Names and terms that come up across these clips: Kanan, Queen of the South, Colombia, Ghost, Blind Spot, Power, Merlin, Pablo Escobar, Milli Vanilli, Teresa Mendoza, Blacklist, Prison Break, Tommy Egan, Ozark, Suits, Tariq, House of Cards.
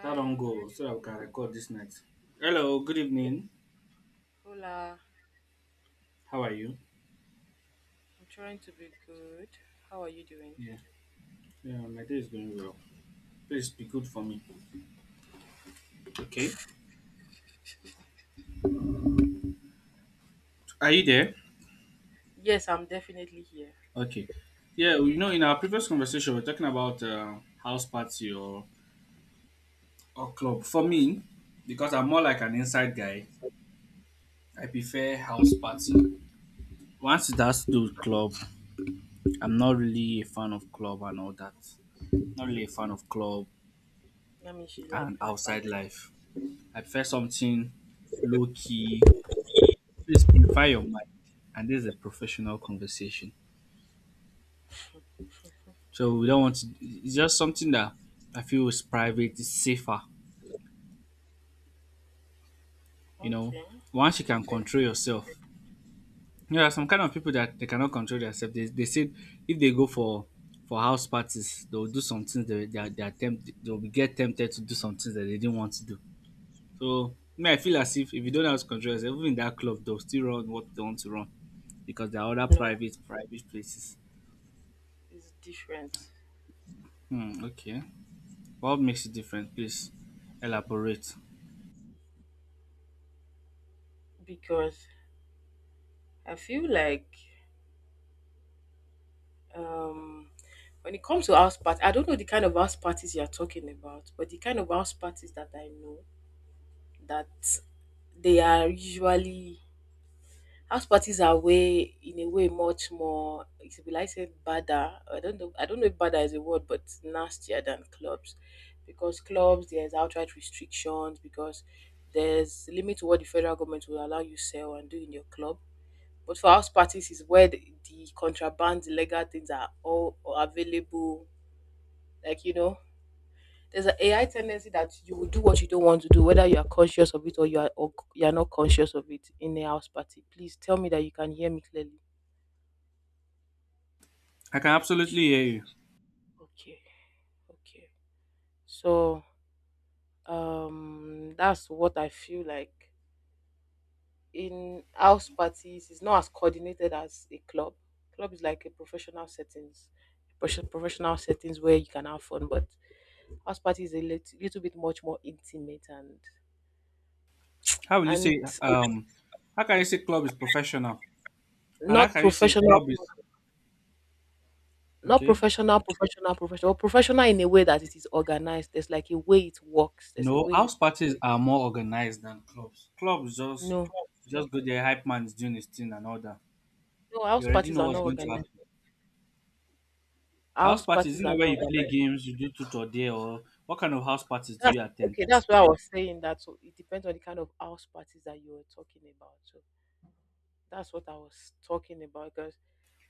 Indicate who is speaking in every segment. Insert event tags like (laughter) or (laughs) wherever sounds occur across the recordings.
Speaker 1: That long go so that we can record this night. Hello, good evening.
Speaker 2: hola.
Speaker 1: How are you?
Speaker 2: I'm trying to be good. How are you doing?
Speaker 1: Yeah, yeah, My day is going well. Please be good for me. Okay. Are you there?
Speaker 2: Yes, I'm definitely here.
Speaker 1: Okay. In our previous conversation, we are talking about house party or club. For me, because I'm more like an inside guy, I prefer house party. Once it has to do with club, I'm not really a fan of club and all that. Not really a fan of club
Speaker 2: That means you
Speaker 1: and
Speaker 2: like bad, but
Speaker 1: outside life. I prefer something low key. Please purify your mind. And this is a professional conversation.
Speaker 2: (laughs)
Speaker 1: So we don't want to, it's just something that I feel is private, it's safer, you know.
Speaker 2: okay,
Speaker 1: Once you can
Speaker 2: fair.
Speaker 1: control yourself. There are some kind of people that they cannot control themselves. They said if they go for house parties, they'll do some things they'll be get tempted to do some things that they didn't want to do. So me, I feel as if you don't have to control yourself, even in that club, they'll still run what they want to run because there are other
Speaker 2: No,
Speaker 1: private places.
Speaker 2: it's different
Speaker 1: Hmm, okay. What makes it different? Please elaborate.
Speaker 2: because I feel like um when it comes to house party, I don't know the kind of house parties you're talking about, but the kind of house parties that I know that they are usually. House parties are, way in a way, much more, it will I say, badder. I don't know, I don't know if badder is a word, but nastier than clubs. Because clubs, there's outright restrictions, because there's limit to what the federal government will allow you sell and do in your club. But for house parties is where the contraband, illegal things are all available. Like you know, there's an AI tendency that you will do what you don't want to do, whether you are conscious of it or you are, or you are not conscious of it in a house party. Please tell me that you can hear me clearly.
Speaker 1: I can absolutely hear you.
Speaker 2: Okay, okay. So that's what I feel like. In house parties, it's not as coordinated as a club. Club is like a professional settings, professional settings where you can have fun, but house party is a little bit much more intimate. and
Speaker 1: How will you
Speaker 2: and
Speaker 1: say how can you say club is professional? And how
Speaker 2: not
Speaker 1: can you say
Speaker 2: professional,
Speaker 1: club is
Speaker 2: not
Speaker 1: okay?
Speaker 2: professional, professional in a way that it is organized. There's like a way it works. There's a
Speaker 1: No,
Speaker 2: way it.
Speaker 1: house parties are more organized than clubs. Clubs just
Speaker 2: No,
Speaker 1: just go there, hype man is doing his thing and all that.
Speaker 2: no,
Speaker 1: You
Speaker 2: house
Speaker 1: already
Speaker 2: parties
Speaker 1: know
Speaker 2: are
Speaker 1: what's
Speaker 2: not
Speaker 1: going to
Speaker 2: organized.
Speaker 1: happen. House
Speaker 2: House
Speaker 1: parties,
Speaker 2: parties
Speaker 1: you know
Speaker 2: are
Speaker 1: where
Speaker 2: not.
Speaker 1: you play games, you do tutor there, or what kind of house parties do you attend?
Speaker 2: Okay, that's what I was saying. That so it depends on the kind of house parties that you were talking about. So that's what I was talking about. Because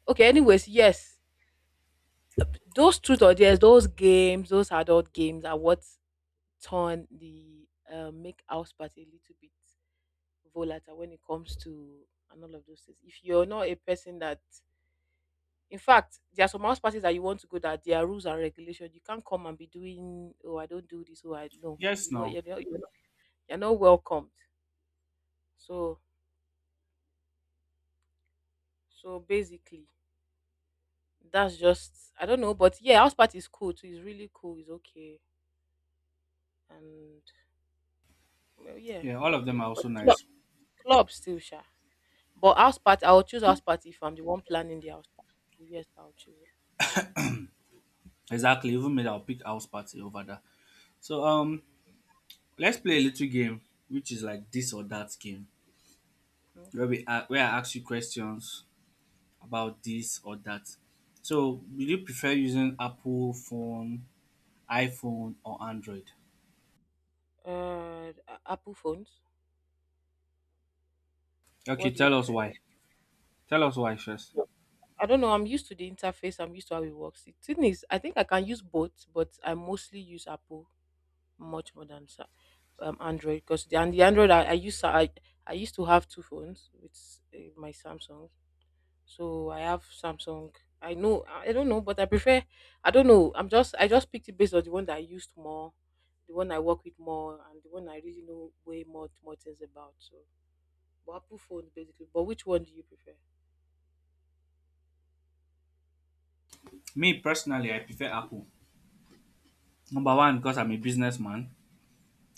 Speaker 2: okay, anyways, yes, those truth or dares, those games, those adult games are what turn the make house party a little bit volatile when it comes to, and all of those things. If you're not a person that, in fact, there are some house parties that you want to go that there are rules and regulations. You can't come and be doing, oh I don't do this, oh I, no
Speaker 1: Yes
Speaker 2: you don't,
Speaker 1: now.
Speaker 2: you're not welcomed. So, so basically, that's just, I don't know, but yeah, house party is cool too. It's really cool. It's okay, and well, yeah,
Speaker 1: Yeah, all of them are
Speaker 2: but
Speaker 1: also
Speaker 2: club,
Speaker 1: nice.
Speaker 2: club still sha. But house party, I will choose house party if I'm the one planning the house party. Yes, I'll choose it.
Speaker 1: Exactly. Even me, I'll pick house party over that. So
Speaker 2: Hmm.
Speaker 1: let's play a little game, which is like this or that game where
Speaker 2: Okay.
Speaker 1: where I ask you questions about this or that. So will you prefer using Apple phone, iPhone or Android?
Speaker 2: Apple phones.
Speaker 1: Okay,
Speaker 2: What do you
Speaker 1: tell us
Speaker 2: prefer?
Speaker 1: why. Tell us why first.
Speaker 2: I don't know. I'm used to the interface. I'm used to how it works. The thing is, I think I can use both, but I mostly use Apple much more than Android, because the, and the Android, I I, used to have two phones with my Samsung, so I have Samsung. I know, I don't know, but I prefer. I don't know. I'm just, I just picked it based on the one that I used more, the one I work with more, and the one I really know way more things about. So, but Apple phone basically. But which one do you prefer?
Speaker 1: Me personally, I prefer Apple. Number one, because I'm a businessman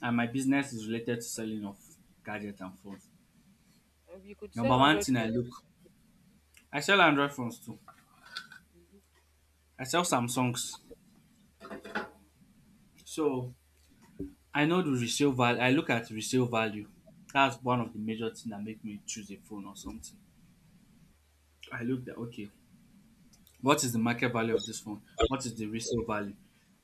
Speaker 1: and my business is related to selling of gadgets and phones.
Speaker 2: You could say
Speaker 1: Number one
Speaker 2: Android
Speaker 1: thing I
Speaker 2: phone.
Speaker 1: look, I sell Android phones too.
Speaker 2: Mhm.
Speaker 1: I sell Samsungs.
Speaker 2: Mhm.
Speaker 1: So I know the resale value. I look at resale value. That's one of the major thing that make me choose a phone or something. I look at, okay, what is the market value of this phone? What is the resale value?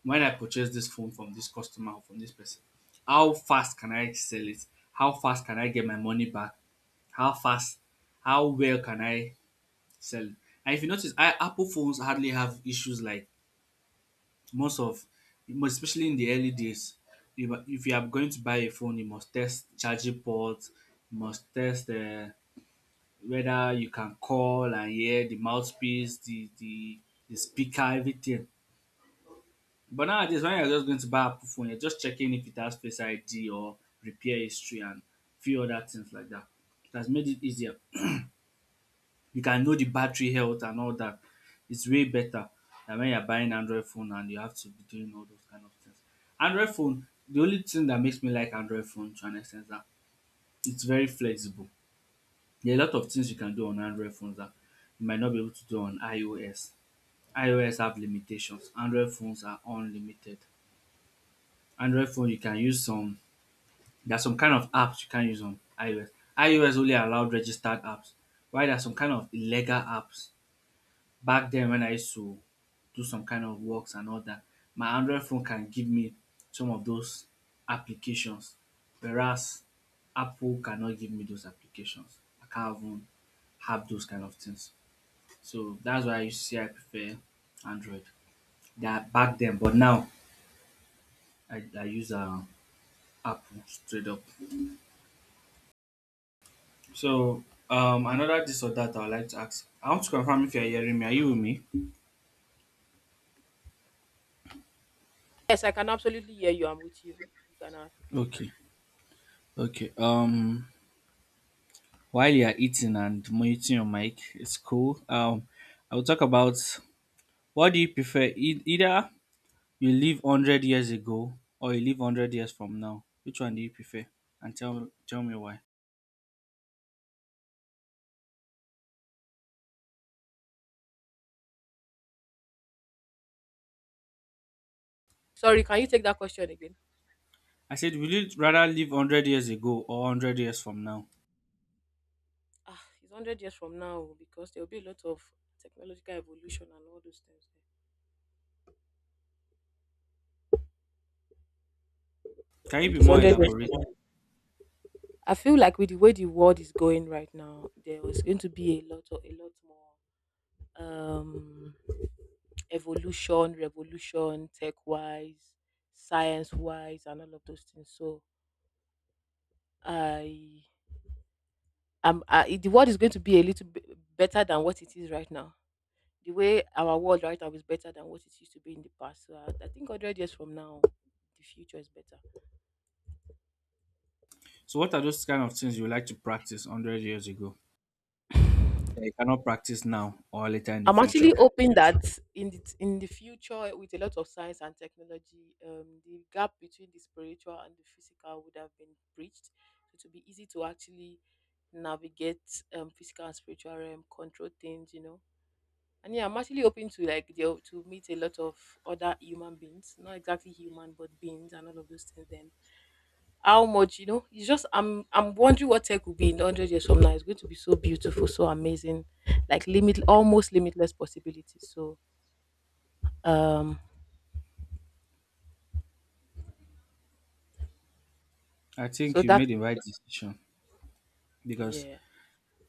Speaker 1: When I purchase this phone from this customer or from this person, how fast can I sell it? How fast can I get my money back? How fast? How well can I sell it? And if you notice, I, Apple phones hardly have issues like most of most especially in the early days, if you are going to buy a phone, you must test charging port, you must test whether you can call and hear the mouthpiece, the speaker, everything. But nowadays, when you're just going to buy a phone, you're just checking if it has face ID or repair history and few other things like that. It has made it easier. You can know the battery health and all that. It's way better than when you're buying Android phone and you have to be doing all those kind of things. Android phone, the only thing that makes me like Android phone to an extent is that it's very flexible. There are a lot of things you can do on Android phones that you might not be able to do on iOS. iOS have limitations. Android phones are unlimited. Android phone, you can use some, there are some kind of apps you can use on iOS. iOS only allowed registered apps, while there are some kind of illegal apps back then when I used to do some kind of works and all that, my Android phone can give me some of those applications. Whereas Apple cannot give me those applications. I can't even have those kind of things. So that's why I used to say I prefer Android. That back then, but now I use Apple straight up. So another this or that I would like to ask. I want to confirm if you're hearing me. Are you with me?
Speaker 2: Yes, I can absolutely hear you. I'm with you. You can ask.
Speaker 1: Okay. Okay. While you're eating and muting your mic, it's cool. I will talk about, what do you prefer? Either you live hundred years ago or you live hundred years from now. Which one do you prefer? And tell me why.
Speaker 2: Sorry, can you take that question again?
Speaker 1: I said, will you rather live hundred years ago or hundred years from now?
Speaker 2: Ah, it's 100 years from now oh, because there will be a lot of technological evolution and all those things. I
Speaker 1: Can you
Speaker 2: think
Speaker 1: be
Speaker 2: it's
Speaker 1: more
Speaker 2: 100 years from
Speaker 1: elaborate?
Speaker 2: now. I feel like with the way the world is going right now, there is going to be a lot of, a lot more um evolution, revolution, tech wise, science wise, and all of those things. So I am, I, the world is going to be a little bit better than what it is right now. The way our world right now is better than what it used to be in the past. So I think 100 years from now, the future is better.
Speaker 1: So, what are those kind of things you would like to practice hundred years ago that you cannot practice now or later in the
Speaker 2: I'm
Speaker 1: future?
Speaker 2: actually hoping that in the future, with a lot of science and technology, the gap between the spiritual and the physical would have been breached. So it would be easy to actually navigate, physical and spiritual realm, control things, you know. And yeah, I'm actually hoping to like deal, to meet a lot of other human beings, not exactly human, but beings and all of those things. Then how much you know, it's just, I'm wondering what tech will be in 100 years from now. It's going to be so beautiful, so amazing, like limit, almost limitless possibilities. So um
Speaker 1: I think
Speaker 2: so
Speaker 1: you
Speaker 2: that,
Speaker 1: made the right decision because
Speaker 2: yeah.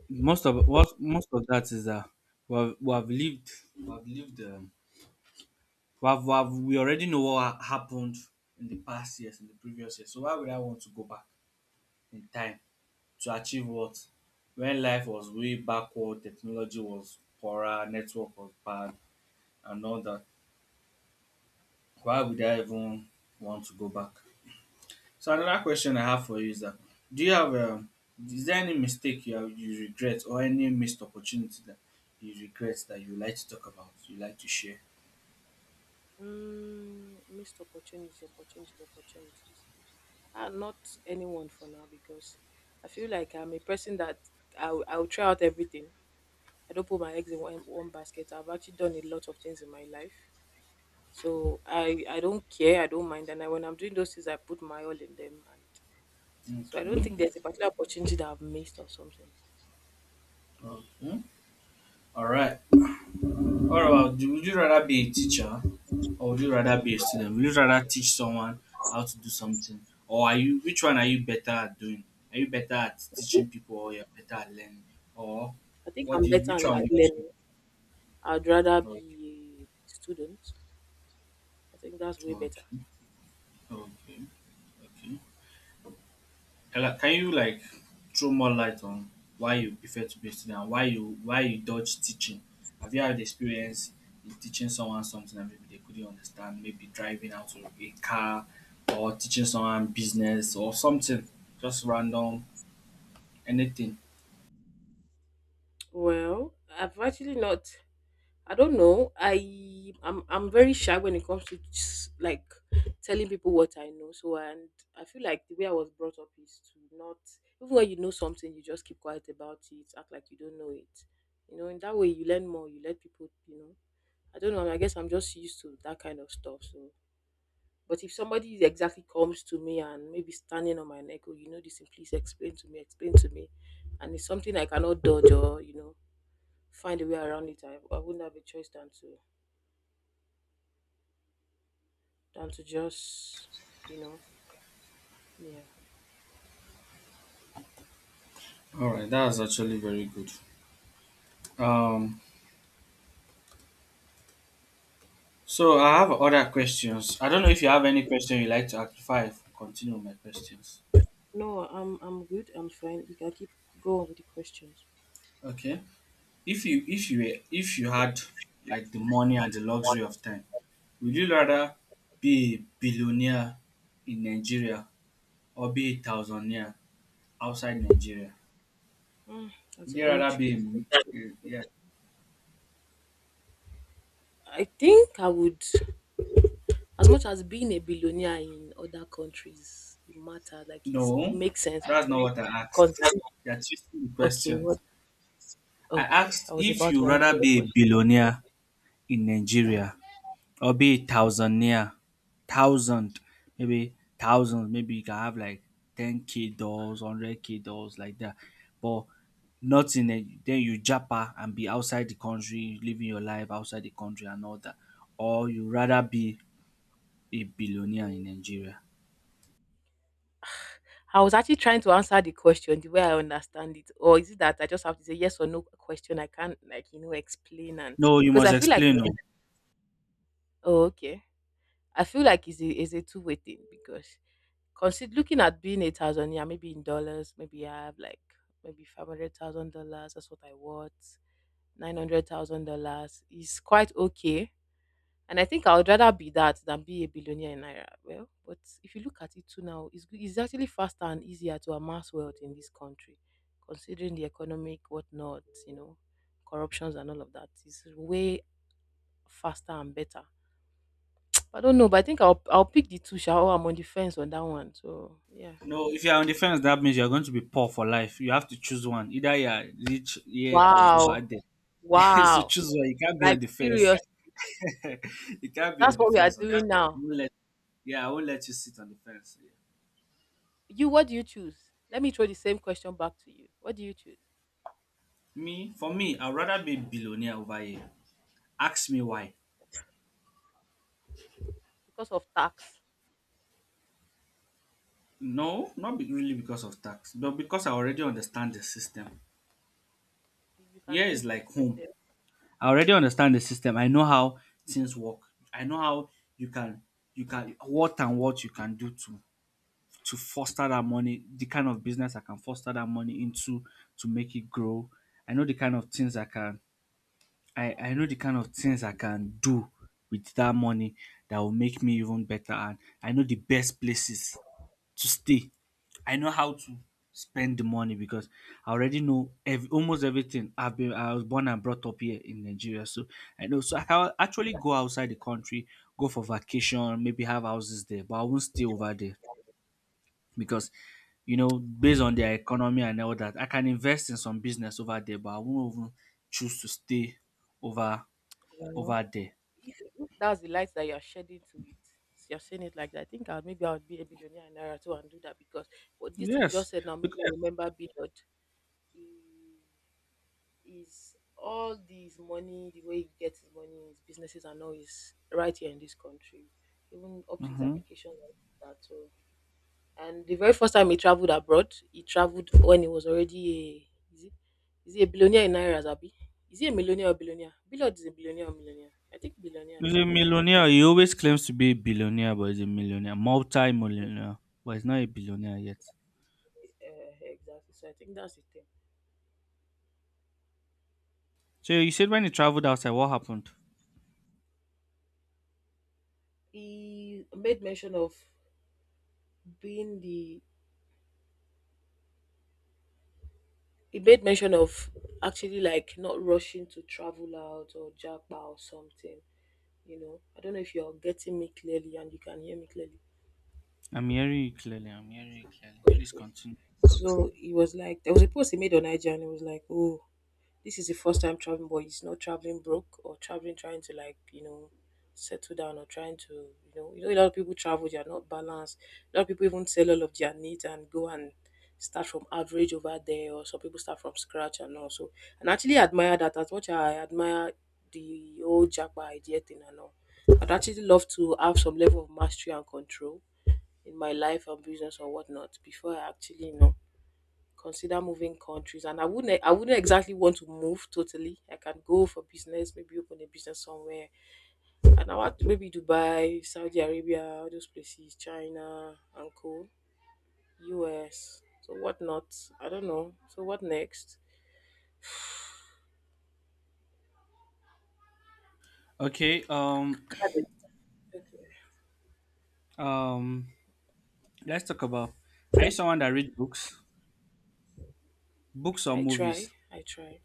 Speaker 1: most of that is that we have lived we have lived we, have, we have we already know what happened in the past years, in the previous years. So why would I want to go back in time to achieve what, when life was way backward, technology was poorer, network was bad, and all that? Why would I even want to go back? So another question I have for you is that, do you have is there any mistake you have, you regret, or any missed opportunity that you regret, that you like to talk about, you like to share?
Speaker 2: Mm, missed opportunities opportunities, not anyone for now, because I feel like I'm a person that I'll try out everything. I don't put my eggs in one basket. I've actually done a lot of things in my life, so i don't care, I don't mind, and when I'm doing those things, I put my all in them. So I don't
Speaker 1: Okay.
Speaker 2: think there's a particular opportunity that I've missed or something.
Speaker 1: Okay. All right. What about would you rather be a teacher, or would you rather be a student? Would you rather teach someone how to do something? Or are you, which one are you better at doing? Are you better at teaching people, or you're better at learning? Or
Speaker 2: I think
Speaker 1: what
Speaker 2: I'm
Speaker 1: do you
Speaker 2: better
Speaker 1: which one
Speaker 2: at learning. I'd rather
Speaker 1: okay.
Speaker 2: be a student. I think that's way better.
Speaker 1: Okay. Okay. Okay. Ella, can you like throw more light on why you prefer to be a student and why you dodge teaching? Have you had experience in teaching someone something that maybe they couldn't understand, maybe driving out to a car, or teaching someone business or something? Just random anything.
Speaker 2: Well, I've actually not. I don't know. I'm very shy when it comes to, just like, telling people what I know. So, and I feel like the way I was brought up is to not, even when you know something, you just keep quiet about it, act like you don't know it. You know, in that way you learn more. You let people. You know, I don't know. I guess I'm just used to that kind of stuff. So, but if somebody exactly comes to me and maybe standing on my neck, oh, you know this thing, please explain to me, and it's something I cannot dodge or you know find a way around it, I wouldn't have a choice than to, than to just, you know, yeah.
Speaker 1: Alright, that's actually very good. Um so I have other questions. I don't know if you have any question you like to ask before I continue with my questions.
Speaker 2: No, I'm good. I'm fine. You can keep going with the questions.
Speaker 1: Okay. If you had like the money and the luxury of time, would you rather be a billionaire in Nigeria, or be a thousandaire outside Nigeria?
Speaker 2: Hmm,
Speaker 1: Would
Speaker 2: that's a
Speaker 1: you
Speaker 2: very
Speaker 1: rather
Speaker 2: tricky
Speaker 1: be
Speaker 2: question.
Speaker 1: yeah,
Speaker 2: I think I would, as much as being a billionaire in other countries, it matter. Like it's, it
Speaker 1: no,
Speaker 2: makes sense.
Speaker 1: that's not what I
Speaker 2: Because
Speaker 1: asked. You're twisting the
Speaker 2: okay,
Speaker 1: question.
Speaker 2: what?
Speaker 1: I
Speaker 2: Okay,
Speaker 1: asked
Speaker 2: I was
Speaker 1: if
Speaker 2: about
Speaker 1: you
Speaker 2: to answer
Speaker 1: rather
Speaker 2: the
Speaker 1: be a
Speaker 2: question.
Speaker 1: billionaire in Nigeria, or be it thousandaire, thousand, maybe thousands, maybe you can have like 10k doors, 100k doors, like that. But not in a, then you japa and be outside the country, living your life outside the country and all that. Or you rather be a billionaire in Nigeria.
Speaker 2: I was actually trying to answer the question the way I understand it, or is it that I just have to say yes or no question? I can't like, you know, explain. And
Speaker 1: No, you
Speaker 2: because
Speaker 1: must
Speaker 2: I feel like
Speaker 1: explain. No.
Speaker 2: it's, oh okay, I feel like it's a two-way thing, because consider looking at being a thousand, yeah, maybe in dollars, maybe I have like maybe $500,000, that's what I want. $900,000 is quite okay, and I think I would rather be that than be a billionaire in Naira. Well, but if you look at it too now, it's, it's actually faster and easier to amass wealth in this country, considering the economic whatnot, you know, corruptions and all of that. It's way faster and better. I don't know, but I think I'll pick the two. Shall, I'm on the fence on that one. So yeah.
Speaker 1: No, if you are on the fence, that means you are going to be poor for life. You have to choose one. Either you are rich here or over
Speaker 2: Wow,
Speaker 1: there. (laughs) So
Speaker 2: wow,
Speaker 1: choose one. You can't be
Speaker 2: like
Speaker 1: on the fence.
Speaker 2: serious.
Speaker 1: (laughs) You can't be
Speaker 2: That's
Speaker 1: on the
Speaker 2: what we are
Speaker 1: fence on this
Speaker 2: doing
Speaker 1: one. I
Speaker 2: now.
Speaker 1: won't let, yeah, I won't let you sit on the fence. Yeah.
Speaker 2: You, what do you choose? Let me throw the same question back to you. What do you choose?
Speaker 1: Me, for me, I'd rather be billionaire over here. Ask me why.
Speaker 2: Because of tax.
Speaker 1: No, not be, really because of tax, but because I already understand the system.
Speaker 2: You can
Speaker 1: Here
Speaker 2: learn
Speaker 1: is
Speaker 2: the
Speaker 1: like
Speaker 2: system
Speaker 1: home.
Speaker 2: there.
Speaker 1: I already understand the system. I know how things work. I know how you can you can what and what you can do to foster that money, the kind of business I can foster that money into to make it grow. I know the kind of things I can, I know the kind of things I can do with that money that will make me even better. And I know the best places to stay. I know how to spend the money, because I already know almost everything. I was born and brought up here in Nigeria, so I know. So I can actually go outside the country, go for vacation, maybe have houses there, but I won't stay over there because, you know, based on their economy and all that, I can invest in some business over there, but I won't even choose to stay over
Speaker 2: Well,
Speaker 1: over there.
Speaker 2: if that's the light that you're shedding to it, so you're saying it like that. I think I'll, maybe I'll be a billionaire in era too and do that, because what this thing you
Speaker 1: Yes.
Speaker 2: just said now maybe
Speaker 1: Because
Speaker 2: me remember Billard. He is, all this money, the way he gets his money, his businesses and all, is right here in this country. Even up to his
Speaker 1: mm-hmm,
Speaker 2: application like that. So, and the very first time he traveled abroad, he traveled when he was already a, is he a billionaire in Nairas, Abi? Is he a millionaire or billionaire? Billard is a billionaire or millionaire. I think billionaire now.
Speaker 1: he's a millionaire. He always claims to be a billionaire, but he's a millionaire. Multi-millionaire. But he's not a billionaire yet.
Speaker 2: Exactly. So I think that's the thing.
Speaker 1: So you said when you traveled outside, what happened?
Speaker 2: He made mention of being the. He made mention of actually like not rushing to travel out or japa or something. You know, I don't know if you're getting me clearly and you can hear me clearly.
Speaker 1: I'm hearing you clearly. I'm hearing you clearly. Please continue.
Speaker 2: So he was like, there was a post he made on IG and he was like, oh, this is the first time traveling, but he's not traveling broke or traveling trying to, like, you know, settle down or trying to, you know, you know, a lot of people travel, they are not balanced. A lot of people even sell all of their needs and go and start from average over there, or some people start from scratch and all. And I actually admire that as much as I admire the old Jackpot idea thing and all. I'd actually love to have some level of mastery and control in my life and business or whatnot before I actually consider moving countries, and I wouldn't exactly want to move totally. I can go for business, maybe open a business somewhere. And I want to, maybe Dubai, Saudi Arabia, all those places, China, and co, US. So what not? I don't know. So what next?
Speaker 1: Okay.
Speaker 2: Cabin.
Speaker 1: Um. Let's talk about. Are you someone that read books, books or movies?
Speaker 2: I try.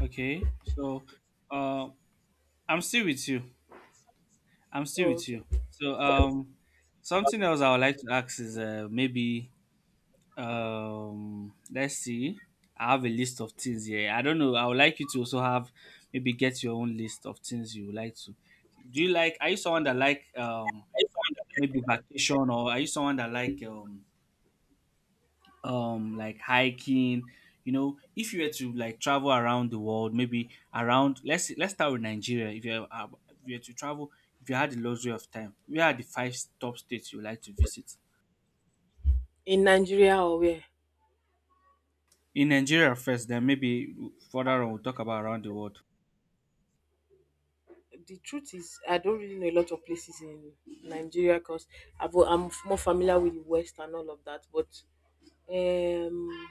Speaker 1: Okay. So, uh, I'm still with you. I'm still
Speaker 2: Oh,
Speaker 1: with
Speaker 2: okay.
Speaker 1: you. So, something else I would like to ask is, maybe let's see. I have a list of things here, I don't know, I would like you to also have, maybe, get your own list of things you would like to Do you like, are you someone that like maybe vacation? Or are you someone that like hiking? You know, if you were to like travel around the world, maybe around, let's start with Nigeria. If you were to travel, if you had the luxury of time, where are the five top states you would like to visit
Speaker 2: In Nigeria or where?
Speaker 1: in Nigeria first, then maybe further on we'll talk about around the world?
Speaker 2: The truth is, I don't really know a lot of places in Nigeria because I'm more familiar with the West and all of that. But um,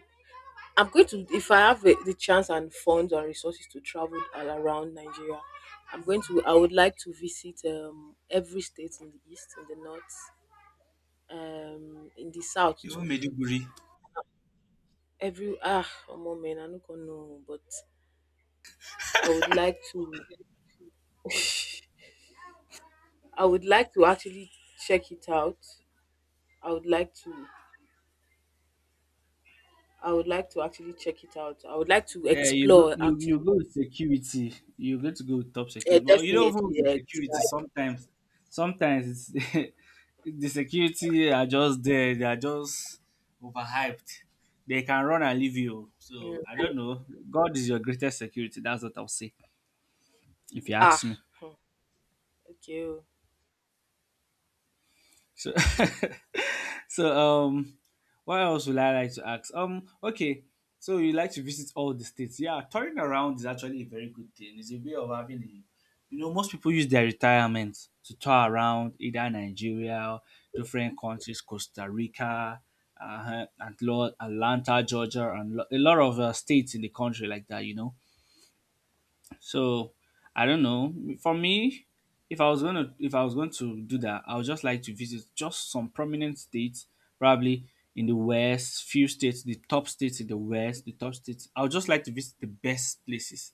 Speaker 2: I'm going to, if I have the chance and funds and resources to travel all around Nigeria, I would like to visit every state in the east, in the north, in the south
Speaker 1: Even
Speaker 2: too.
Speaker 1: Meduguri.
Speaker 2: Every, ah, omo man, I no going know, but I would like to, (laughs) I would like to actually check it out. I would like to, I would like to actually check it out. I would like to
Speaker 1: Yeah,
Speaker 2: explore
Speaker 1: you
Speaker 2: actually.
Speaker 1: go with security. You're going to go with top
Speaker 2: Yeah,
Speaker 1: security. Well,
Speaker 2: definitely.
Speaker 1: even with the
Speaker 2: Yes.
Speaker 1: security, sometimes sometimes it's (laughs) the security are just there, they are just overhyped. They can run and leave you. So
Speaker 2: Mm.
Speaker 1: I don't know. God is your greatest security. That's what I'll say if you ask
Speaker 2: Ah,
Speaker 1: me.
Speaker 2: hmm, okay. Oh.
Speaker 1: So (laughs) (laughs) so um what else would I like to ask? Okay. So you like to visit all the states. Yeah, touring around is actually a very good thing. It's a way of having a. Most people use their retirement to tour around, either Nigeria, different countries, Costa Rica, and Atlanta, Georgia, and a lot of states in the country, like that, you know. So I don't know. For me, if I was going to do that, I would just like to visit just some prominent states, probably in the West, few states, the top states in the West, the top states. I would just like to visit the best places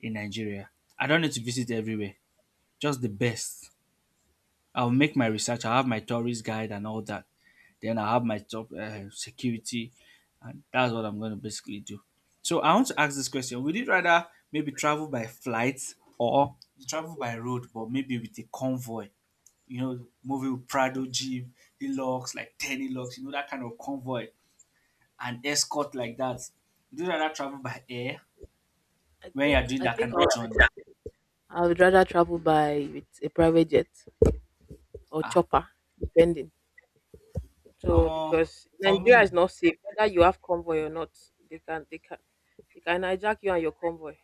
Speaker 1: in Nigeria. I don't need to visit everywhere, just the best. I'll make my research. I'll have my tourist guide and all that. Then I have my job security, and that's what I'm going to basically do. So I want to ask this question: would you rather maybe travel by flight or travel by road, but maybe with a convoy? Moving with Prado jeep, Hilux, like 10 Hilux, that kind of convoy and escort, like that. Would you rather travel by air
Speaker 2: I
Speaker 1: when you are
Speaker 2: think
Speaker 1: doing
Speaker 2: I
Speaker 1: that
Speaker 2: think
Speaker 1: kind of
Speaker 2: I'll
Speaker 1: journey?
Speaker 2: I would rather travel by with a private jet or
Speaker 1: Ah,
Speaker 2: chopper, depending. So
Speaker 1: um,
Speaker 2: because
Speaker 1: for me,
Speaker 2: Nigeria is not safe, whether you have convoy or not, they can they can they can hijack you and your convoy.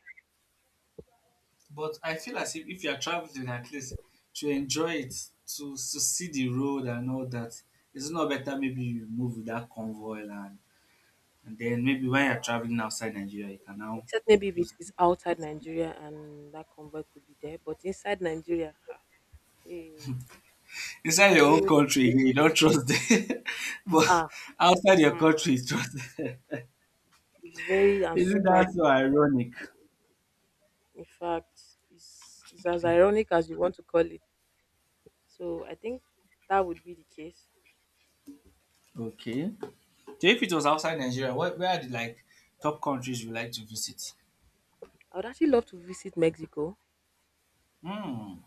Speaker 1: but I feel as if you are traveling, at least to enjoy it, to see the road and all that, it's not better maybe you move with that convoy, and then maybe when
Speaker 2: No,
Speaker 1: you're traveling outside Nigeria, you can now
Speaker 2: except maybe if it
Speaker 1: use
Speaker 2: is
Speaker 1: it.
Speaker 2: outside Nigeria and that convoy could be there, but inside Nigeria, ah, hey,
Speaker 1: Inside
Speaker 2: it's
Speaker 1: your own
Speaker 2: very
Speaker 1: country, you don't trust them, (laughs) but
Speaker 2: ah,
Speaker 1: outside your
Speaker 2: hmm,
Speaker 1: country, you trust them.
Speaker 2: very
Speaker 1: (laughs)
Speaker 2: and
Speaker 1: Isn't
Speaker 2: super.
Speaker 1: that so ironic?
Speaker 2: In fact, it's as ironic as you want to call it. So I think that would be the case.
Speaker 1: Okay. So if it was outside Nigeria, where are the like top countries you like to visit?
Speaker 2: I would actually love to visit Mexico.
Speaker 1: Hmm.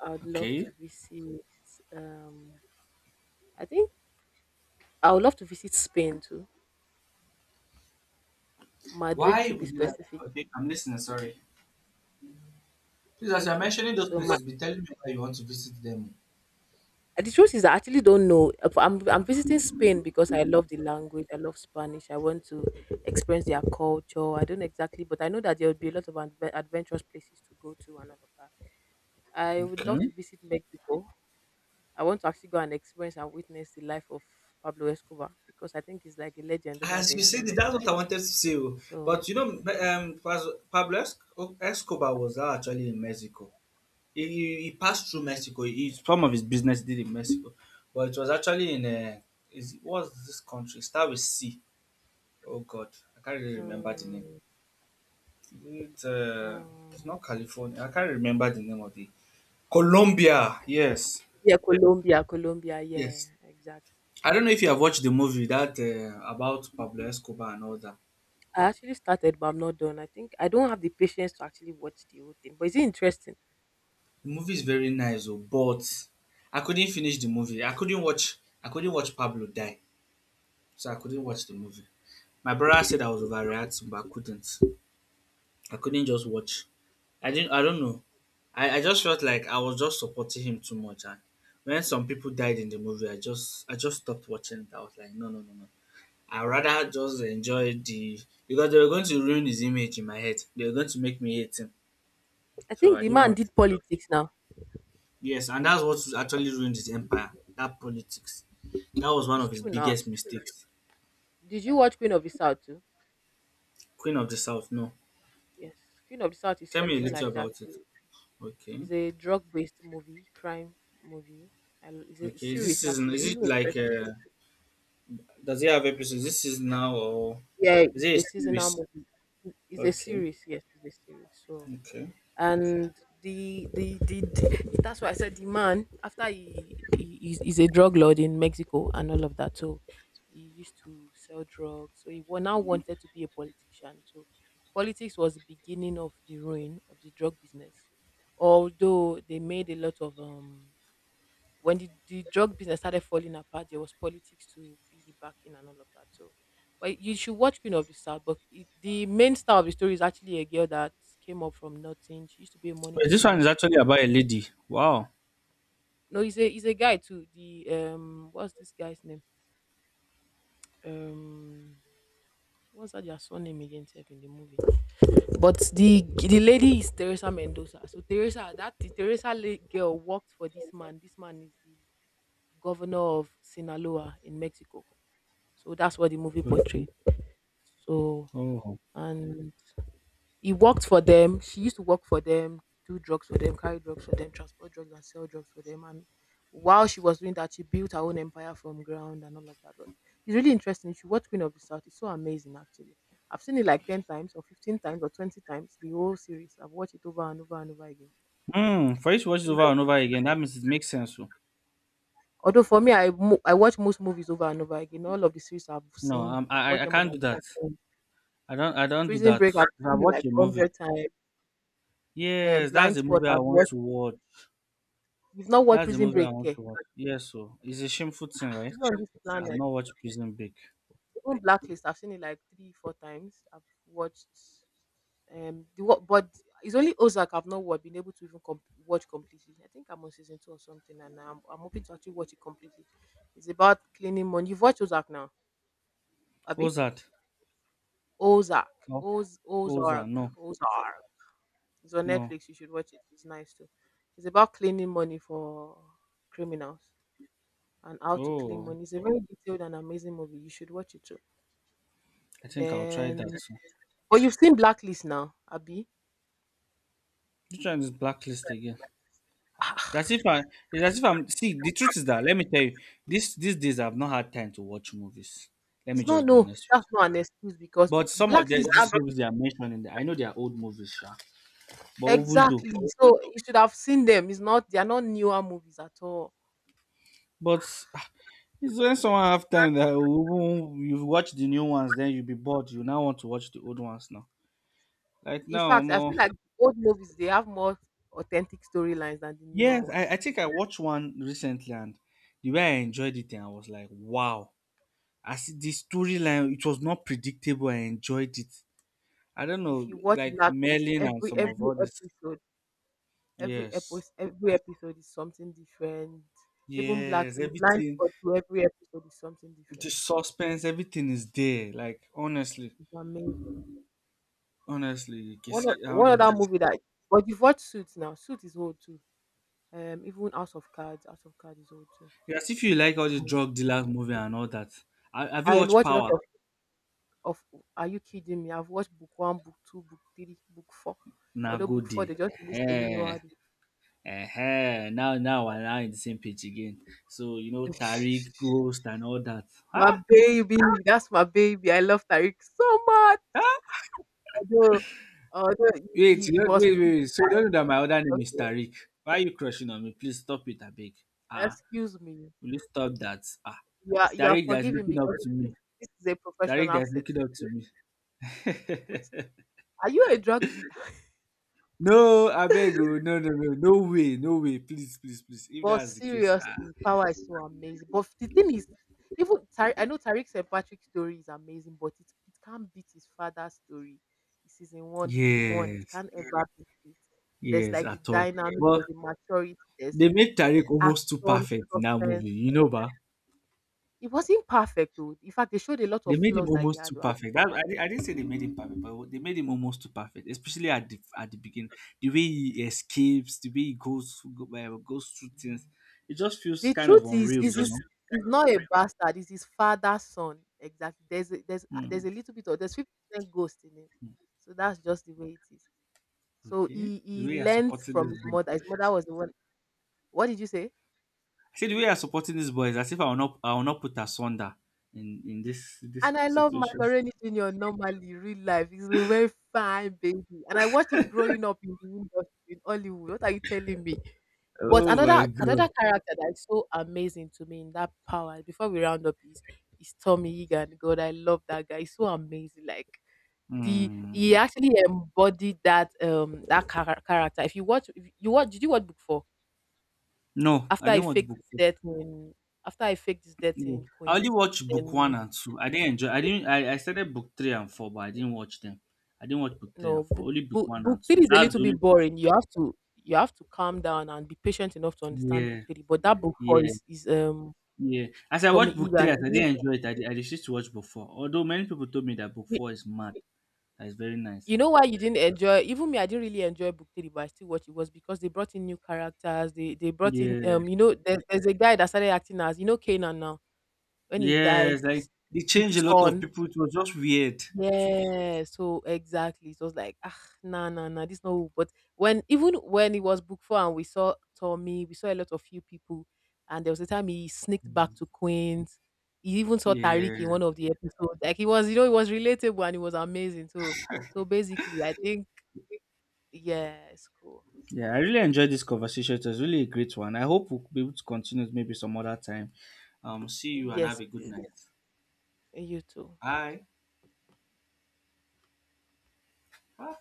Speaker 2: I would love
Speaker 1: Okay.
Speaker 2: to visit. Um, I think I would love to visit Spain too, Madrid
Speaker 1: Why
Speaker 2: to be
Speaker 1: would you like?
Speaker 2: specific.
Speaker 1: Okay, I'm listening. Sorry. Please, as you're
Speaker 2: Okay,
Speaker 1: mentioning those
Speaker 2: so my,
Speaker 1: places, be telling me why you want to visit them.
Speaker 2: the truth is I actually don't know. I'm visiting Spain because I love the language. I love Spanish. I want to experience their culture. I don't exactly, but I know that there would be a lot of adventurous places to go to and all of that. I would love to
Speaker 1: Okay.
Speaker 2: visit Mexico. I want to actually go and experience and witness the life of Pablo Escobar because I think he's like a legend over
Speaker 1: As you
Speaker 2: there and
Speaker 1: said,
Speaker 2: all of
Speaker 1: that's
Speaker 2: that.
Speaker 1: what I wanted to say. Oh. But
Speaker 2: So.
Speaker 1: Pablo Escobar was now actually in Mexico. He passed through Mexico. Some of his business did in Mexico, but it was actually in is what's this country? Start with C. Oh God, I can't really remember the name. It's uh, it's
Speaker 2: Mm.
Speaker 1: not California. I can't remember the name of the. Colombia. Yes,
Speaker 2: Yeah, Colombia, Colombia, yeah,
Speaker 1: yes.
Speaker 2: exactly.
Speaker 1: I don't know if you have watched the movie that about Pablo Escobar and all that.
Speaker 2: I actually started, but I'm not done. I think I don't have the patience to actually watch the whole thing. But is it interesting?
Speaker 1: The movie is very nice, oh, but I couldn't finish the movie. I couldn't watch. I couldn't watch Pablo die, so I couldn't watch the movie. My brother said I was overreacting, but I couldn't. I couldn't just watch. I didn't. I don't know. I just felt like I was just supporting him too much, and when some people died in the movie, I just stopped watching it. I was like, no, no, no, no. I rather just enjoy the, because they were going to ruin his image in my head. They were going to make me hate him.
Speaker 2: I
Speaker 1: So
Speaker 2: think
Speaker 1: I
Speaker 2: the
Speaker 1: didn't
Speaker 2: man
Speaker 1: want.
Speaker 2: did politics now.
Speaker 1: Yes, and that's what actually ruined his empire. That politics. That was one
Speaker 2: It's
Speaker 1: of his
Speaker 2: true now.
Speaker 1: biggest mistakes.
Speaker 2: Did you watch Queen of the South too?
Speaker 1: Queen of the South. No,
Speaker 2: Yes. Queen of the South is
Speaker 1: tell me a
Speaker 2: something
Speaker 1: little
Speaker 2: like that
Speaker 1: about it.
Speaker 2: too.
Speaker 1: Okay.
Speaker 2: It's a drug based movie, crime movie. And it's a
Speaker 1: Okay. Is this
Speaker 2: series
Speaker 1: season?
Speaker 2: actually. It's
Speaker 1: Is
Speaker 2: really
Speaker 1: it
Speaker 2: interesting.
Speaker 1: like? Does it have episodes? This is now, or
Speaker 2: Yeah, it's
Speaker 1: is it a
Speaker 2: a seasonal
Speaker 1: series?
Speaker 2: movie. It's a
Speaker 1: Okay.
Speaker 2: series, yes, it's a series. So
Speaker 1: Okay.
Speaker 2: and that's why I said the man after he's a drug lord in Mexico and all of that. So he used to sell drugs. So now wanted to be a politician. So politics was the beginning of the ruin of the drug business. Although they made a lot of when the drug business started falling apart, there was politics to be the backing and all of that. So, but you should watch Queen of the South. But it, the main star of the story is actually a girl that came up from nothing. She used to be a money
Speaker 1: Wait, this one is
Speaker 2: changer.
Speaker 1: actually about a lady. Wow.
Speaker 2: No, he's a guy too. The what's this guy's name? Um, what's that their surname again sef in the movie, but the lady is Teresa Mendoza. So Teresa, that girl worked for this man. This man is the governor of Sinaloa in Mexico. So that's what the movie
Speaker 1: Okay.
Speaker 2: portrayed. So
Speaker 1: Oh.
Speaker 2: and he worked for them. She used to work for them, do drugs for them, carry drugs for them, transport drugs and sell drugs for them. And while she was doing that, she built her own empire from ground and all of that. But it's really interesting. If you watch Queen of the South, it's so amazing actually. I've seen it like 10 times or 15 times or 20 times, the whole series. I've watched it over and over and over again.
Speaker 1: Hmm. For you to watch it
Speaker 2: So yeah.
Speaker 1: over and over again, that means it makes sense. Oh.
Speaker 2: Although for me, I watch most movies over and over again. All of the series I've
Speaker 1: No,
Speaker 2: seen,
Speaker 1: um,
Speaker 2: I've
Speaker 1: I I
Speaker 2: watched
Speaker 1: I
Speaker 2: them more
Speaker 1: can't
Speaker 2: than
Speaker 1: do
Speaker 2: five
Speaker 1: that.
Speaker 2: times.
Speaker 1: I don't do
Speaker 2: Prison
Speaker 1: that.
Speaker 2: Break, I've
Speaker 1: If I
Speaker 2: seen it
Speaker 1: watch
Speaker 2: like
Speaker 1: a movie,
Speaker 2: 100 times. Um,
Speaker 1: yes, that's
Speaker 2: blind
Speaker 1: the
Speaker 2: spot
Speaker 1: movie I
Speaker 2: I've
Speaker 1: want
Speaker 2: watched.
Speaker 1: to watch.
Speaker 2: You've not watched
Speaker 1: That's the
Speaker 2: Prison
Speaker 1: movie I
Speaker 2: Break,
Speaker 1: want
Speaker 2: eh?
Speaker 1: to watch.
Speaker 2: Are
Speaker 1: Yes, so it's a shameful thing,
Speaker 2: you
Speaker 1: right?
Speaker 2: on this
Speaker 1: I've
Speaker 2: planet?
Speaker 1: not watched Prison Break.
Speaker 2: Even Blacklist, I've seen it like three, four times. I've watched the what, but it's only Ozark I've not wa- been able to even watch completely. I think I'm on season two or something, and I'm hoping to actually watch it completely. It's about cleaning money. You've watched Ozark now, Abby?
Speaker 1: Ozark.
Speaker 2: Ozark,
Speaker 1: No. Ozark.
Speaker 2: Ozark,
Speaker 1: No.
Speaker 2: Ozark. It's on
Speaker 1: No.
Speaker 2: Netflix. You should watch it. It's nice too. It's about cleaning money for criminals, and how to claim
Speaker 1: Oh,
Speaker 2: money. It's a very detailed and amazing movie. You should watch it too.
Speaker 1: I think I'll try that
Speaker 2: Then,
Speaker 1: soon.
Speaker 2: but you've seen Blacklist now, Abby.
Speaker 1: Which one is blacklist again? That's
Speaker 2: Ah,
Speaker 1: if I. That's if I'm. See, the truth is that, let me tell you, this these days I've not had time to watch movies. Let me
Speaker 2: it's not,
Speaker 1: just be
Speaker 2: no.
Speaker 1: honest with
Speaker 2: That's
Speaker 1: you.
Speaker 2: not an excuse because
Speaker 1: But some of
Speaker 2: Blacklist,
Speaker 1: these
Speaker 2: that's
Speaker 1: movies they are mentioning, I know they are old movies, sha, but even though,
Speaker 2: exactly. So you should have seen them. It's not. They are not newer movies at all.
Speaker 1: but It's when someone have time that you watch the new ones, then you be bored. You now want to watch the old ones now. Like
Speaker 2: In
Speaker 1: now,
Speaker 2: fact, I
Speaker 1: more,
Speaker 2: feel like old movies they have more authentic storylines than the newer
Speaker 1: yes, I
Speaker 2: ones.
Speaker 1: think I watched one recently, and the way I enjoyed it, and I was like, wow. I see the storyline; it was not predictable. I enjoyed it. I don't
Speaker 2: If
Speaker 1: know,
Speaker 2: you watch
Speaker 1: like
Speaker 2: Blacklist,
Speaker 1: Merlin and some of
Speaker 2: every
Speaker 1: all this.
Speaker 2: episode, every
Speaker 1: Yes,
Speaker 2: episode, every episode is something different. Even
Speaker 1: yes,
Speaker 2: Blacklist, Blind
Speaker 1: everything,
Speaker 2: Spot, to every episode is something
Speaker 1: the
Speaker 2: different.
Speaker 1: suspense, everything is there. Like, honestly,
Speaker 2: It's amazing.
Speaker 1: honestly,
Speaker 2: One of one other
Speaker 1: Honestly.
Speaker 2: movie that, but you've watched Suits now. Suits is old too. Even House of Cards is old too.
Speaker 1: Yeah, as if you like all the
Speaker 2: Um,
Speaker 1: drug dealer movie and all that. Have you
Speaker 2: I
Speaker 1: watched
Speaker 2: watch a lot
Speaker 1: Power?
Speaker 2: of, of. Are you kidding me? I've watched book one, book two, book three, book four.
Speaker 1: Na
Speaker 2: Although book
Speaker 1: Godi.
Speaker 2: four they just released a new
Speaker 1: Eh,
Speaker 2: one.
Speaker 1: eh, now we're now in the same page again. So you know Tariq,
Speaker 2: (laughs)
Speaker 1: Ghost, and all that.
Speaker 2: My
Speaker 1: Huh?
Speaker 2: baby, that's my baby. I love Tariq so much.
Speaker 1: Huh?
Speaker 2: Although, although he,
Speaker 1: Wait,
Speaker 2: he
Speaker 1: you
Speaker 2: he
Speaker 1: don't,
Speaker 2: was
Speaker 1: wait,
Speaker 2: full
Speaker 1: wait,
Speaker 2: of
Speaker 1: wait. So you
Speaker 2: that.
Speaker 1: don't know that my other name is
Speaker 2: Okay.
Speaker 1: Tariq? Why are you crushing on me? Please stop it, I beg. Ah,
Speaker 2: Excuse me.
Speaker 1: will you stop that? Ah,
Speaker 2: You are
Speaker 1: Tariq that's
Speaker 2: forgiven
Speaker 1: looking up
Speaker 2: because
Speaker 1: to me.
Speaker 2: this, this is a
Speaker 1: Tariq
Speaker 2: professional
Speaker 1: that's looking
Speaker 2: setting,
Speaker 1: up to me. (laughs)
Speaker 2: which. Are you a drug dealer?
Speaker 1: No, I beg you. No, no, no, no way, no way. Please, please, please. If
Speaker 2: But
Speaker 1: that's the case, ah.
Speaker 2: seriously, Power is so amazing. But the thing is, even I know Tariq St. Patrick's story is amazing, but it can't beat his father's story. Season one, the book one, it
Speaker 1: Yes,
Speaker 2: can't ever. Yeah, beat it. There's
Speaker 1: yes,
Speaker 2: like the
Speaker 1: at all.
Speaker 2: dynamic, there's
Speaker 1: But
Speaker 2: the maturity, there's
Speaker 1: they made Tariq almost too
Speaker 2: action,
Speaker 1: perfect in that movie,
Speaker 2: suspense.
Speaker 1: but
Speaker 2: It wasn't perfect, though. In fact, they showed a lot
Speaker 1: they
Speaker 2: of
Speaker 1: made him
Speaker 2: flaws that he
Speaker 1: almost
Speaker 2: had,
Speaker 1: too
Speaker 2: though.
Speaker 1: perfect. I didn't say they made him perfect, but they made him almost too perfect, especially at the beginning. The way he escapes, the way he goes through things, it just feels
Speaker 2: The
Speaker 1: kind of
Speaker 2: truth
Speaker 1: unreal,
Speaker 2: is
Speaker 1: you
Speaker 2: just
Speaker 1: know.
Speaker 2: his is not a bastard. It's his father's son. Exactly. There's a, there's there's
Speaker 1: Hmm.
Speaker 2: a little bit of, there's 50% ghost in him. So that's just the way it is. So
Speaker 1: Okay,
Speaker 2: he
Speaker 1: the
Speaker 2: he
Speaker 1: way you are
Speaker 2: learned
Speaker 1: supporting this
Speaker 2: from his
Speaker 1: boy,
Speaker 2: mother. His mother was the one. What did you say?
Speaker 1: I see the way you are supporting this boy is as if I will not put asunder in this
Speaker 2: And I love
Speaker 1: situation.
Speaker 2: Macaroni Junior normally, real life. He's a very fine baby. And I watched him growing up in the industry in Hollywood. What are you telling me? But
Speaker 1: Oh my god.
Speaker 2: another character that is so amazing to me in that power before we round up is Tommy Egan. God, I love that guy. He's so amazing. Like the he
Speaker 1: Hmm.
Speaker 2: actually embodied that that character. If you watch, did you watch book four
Speaker 1: No, I
Speaker 2: after I
Speaker 1: didn't watch
Speaker 2: faked
Speaker 1: book
Speaker 2: his
Speaker 1: two.
Speaker 2: death in after I faked his death
Speaker 1: Yeah.
Speaker 2: in
Speaker 1: I only
Speaker 2: Queens?
Speaker 1: watched book one
Speaker 2: Then,
Speaker 1: and two. I didn't enjoy. I didn't. I started book three and four, but I didn't watch them. I didn't watch book three
Speaker 2: no,
Speaker 1: and four. Only book one
Speaker 2: book
Speaker 1: and two.
Speaker 2: three is a
Speaker 1: That's
Speaker 2: little
Speaker 1: the only.
Speaker 2: bit boring. You have to calm down and be patient enough to understand book
Speaker 1: Yeah,
Speaker 2: three. But that book four
Speaker 1: yeah,
Speaker 2: is um.
Speaker 1: yeah. As I
Speaker 2: Tommy
Speaker 1: watched book three,
Speaker 2: Egan.
Speaker 1: as I didn't enjoy it, I decided to watch book four. Although many people told me that book
Speaker 2: You,
Speaker 1: four is mad. That is very nice.
Speaker 2: you know why you didn't enjoy? Even me, I didn't really enjoy book three, but I still watched it. Was because they brought in new characters. They brought in
Speaker 1: Yeah,
Speaker 2: you know there's a guy that started acting as you know Kanan now. When he died,
Speaker 1: yes. Like it
Speaker 2: his
Speaker 1: changed a lot of
Speaker 2: son.
Speaker 1: people. It was just weird.
Speaker 2: Yeah, so exactly. So it was like, ah, nah, nah, nah, this no. But when even when it was booked for and we saw Tommy, we saw a lot of few people, and there was a time he sneaked back to Queens. He even saw Tariq
Speaker 1: Yeah,
Speaker 2: in one of the episodes. Like he was, you know, it was relatable and it was amazing. So, so basically, I think yes, cool.
Speaker 1: yeah. I really enjoyed this conversation. It was really a great one. I hope we'll be able to continue it maybe some other time. See you and have
Speaker 2: Yes,
Speaker 1: a good
Speaker 2: please.
Speaker 1: night.
Speaker 2: You too.
Speaker 1: Bye. Bye.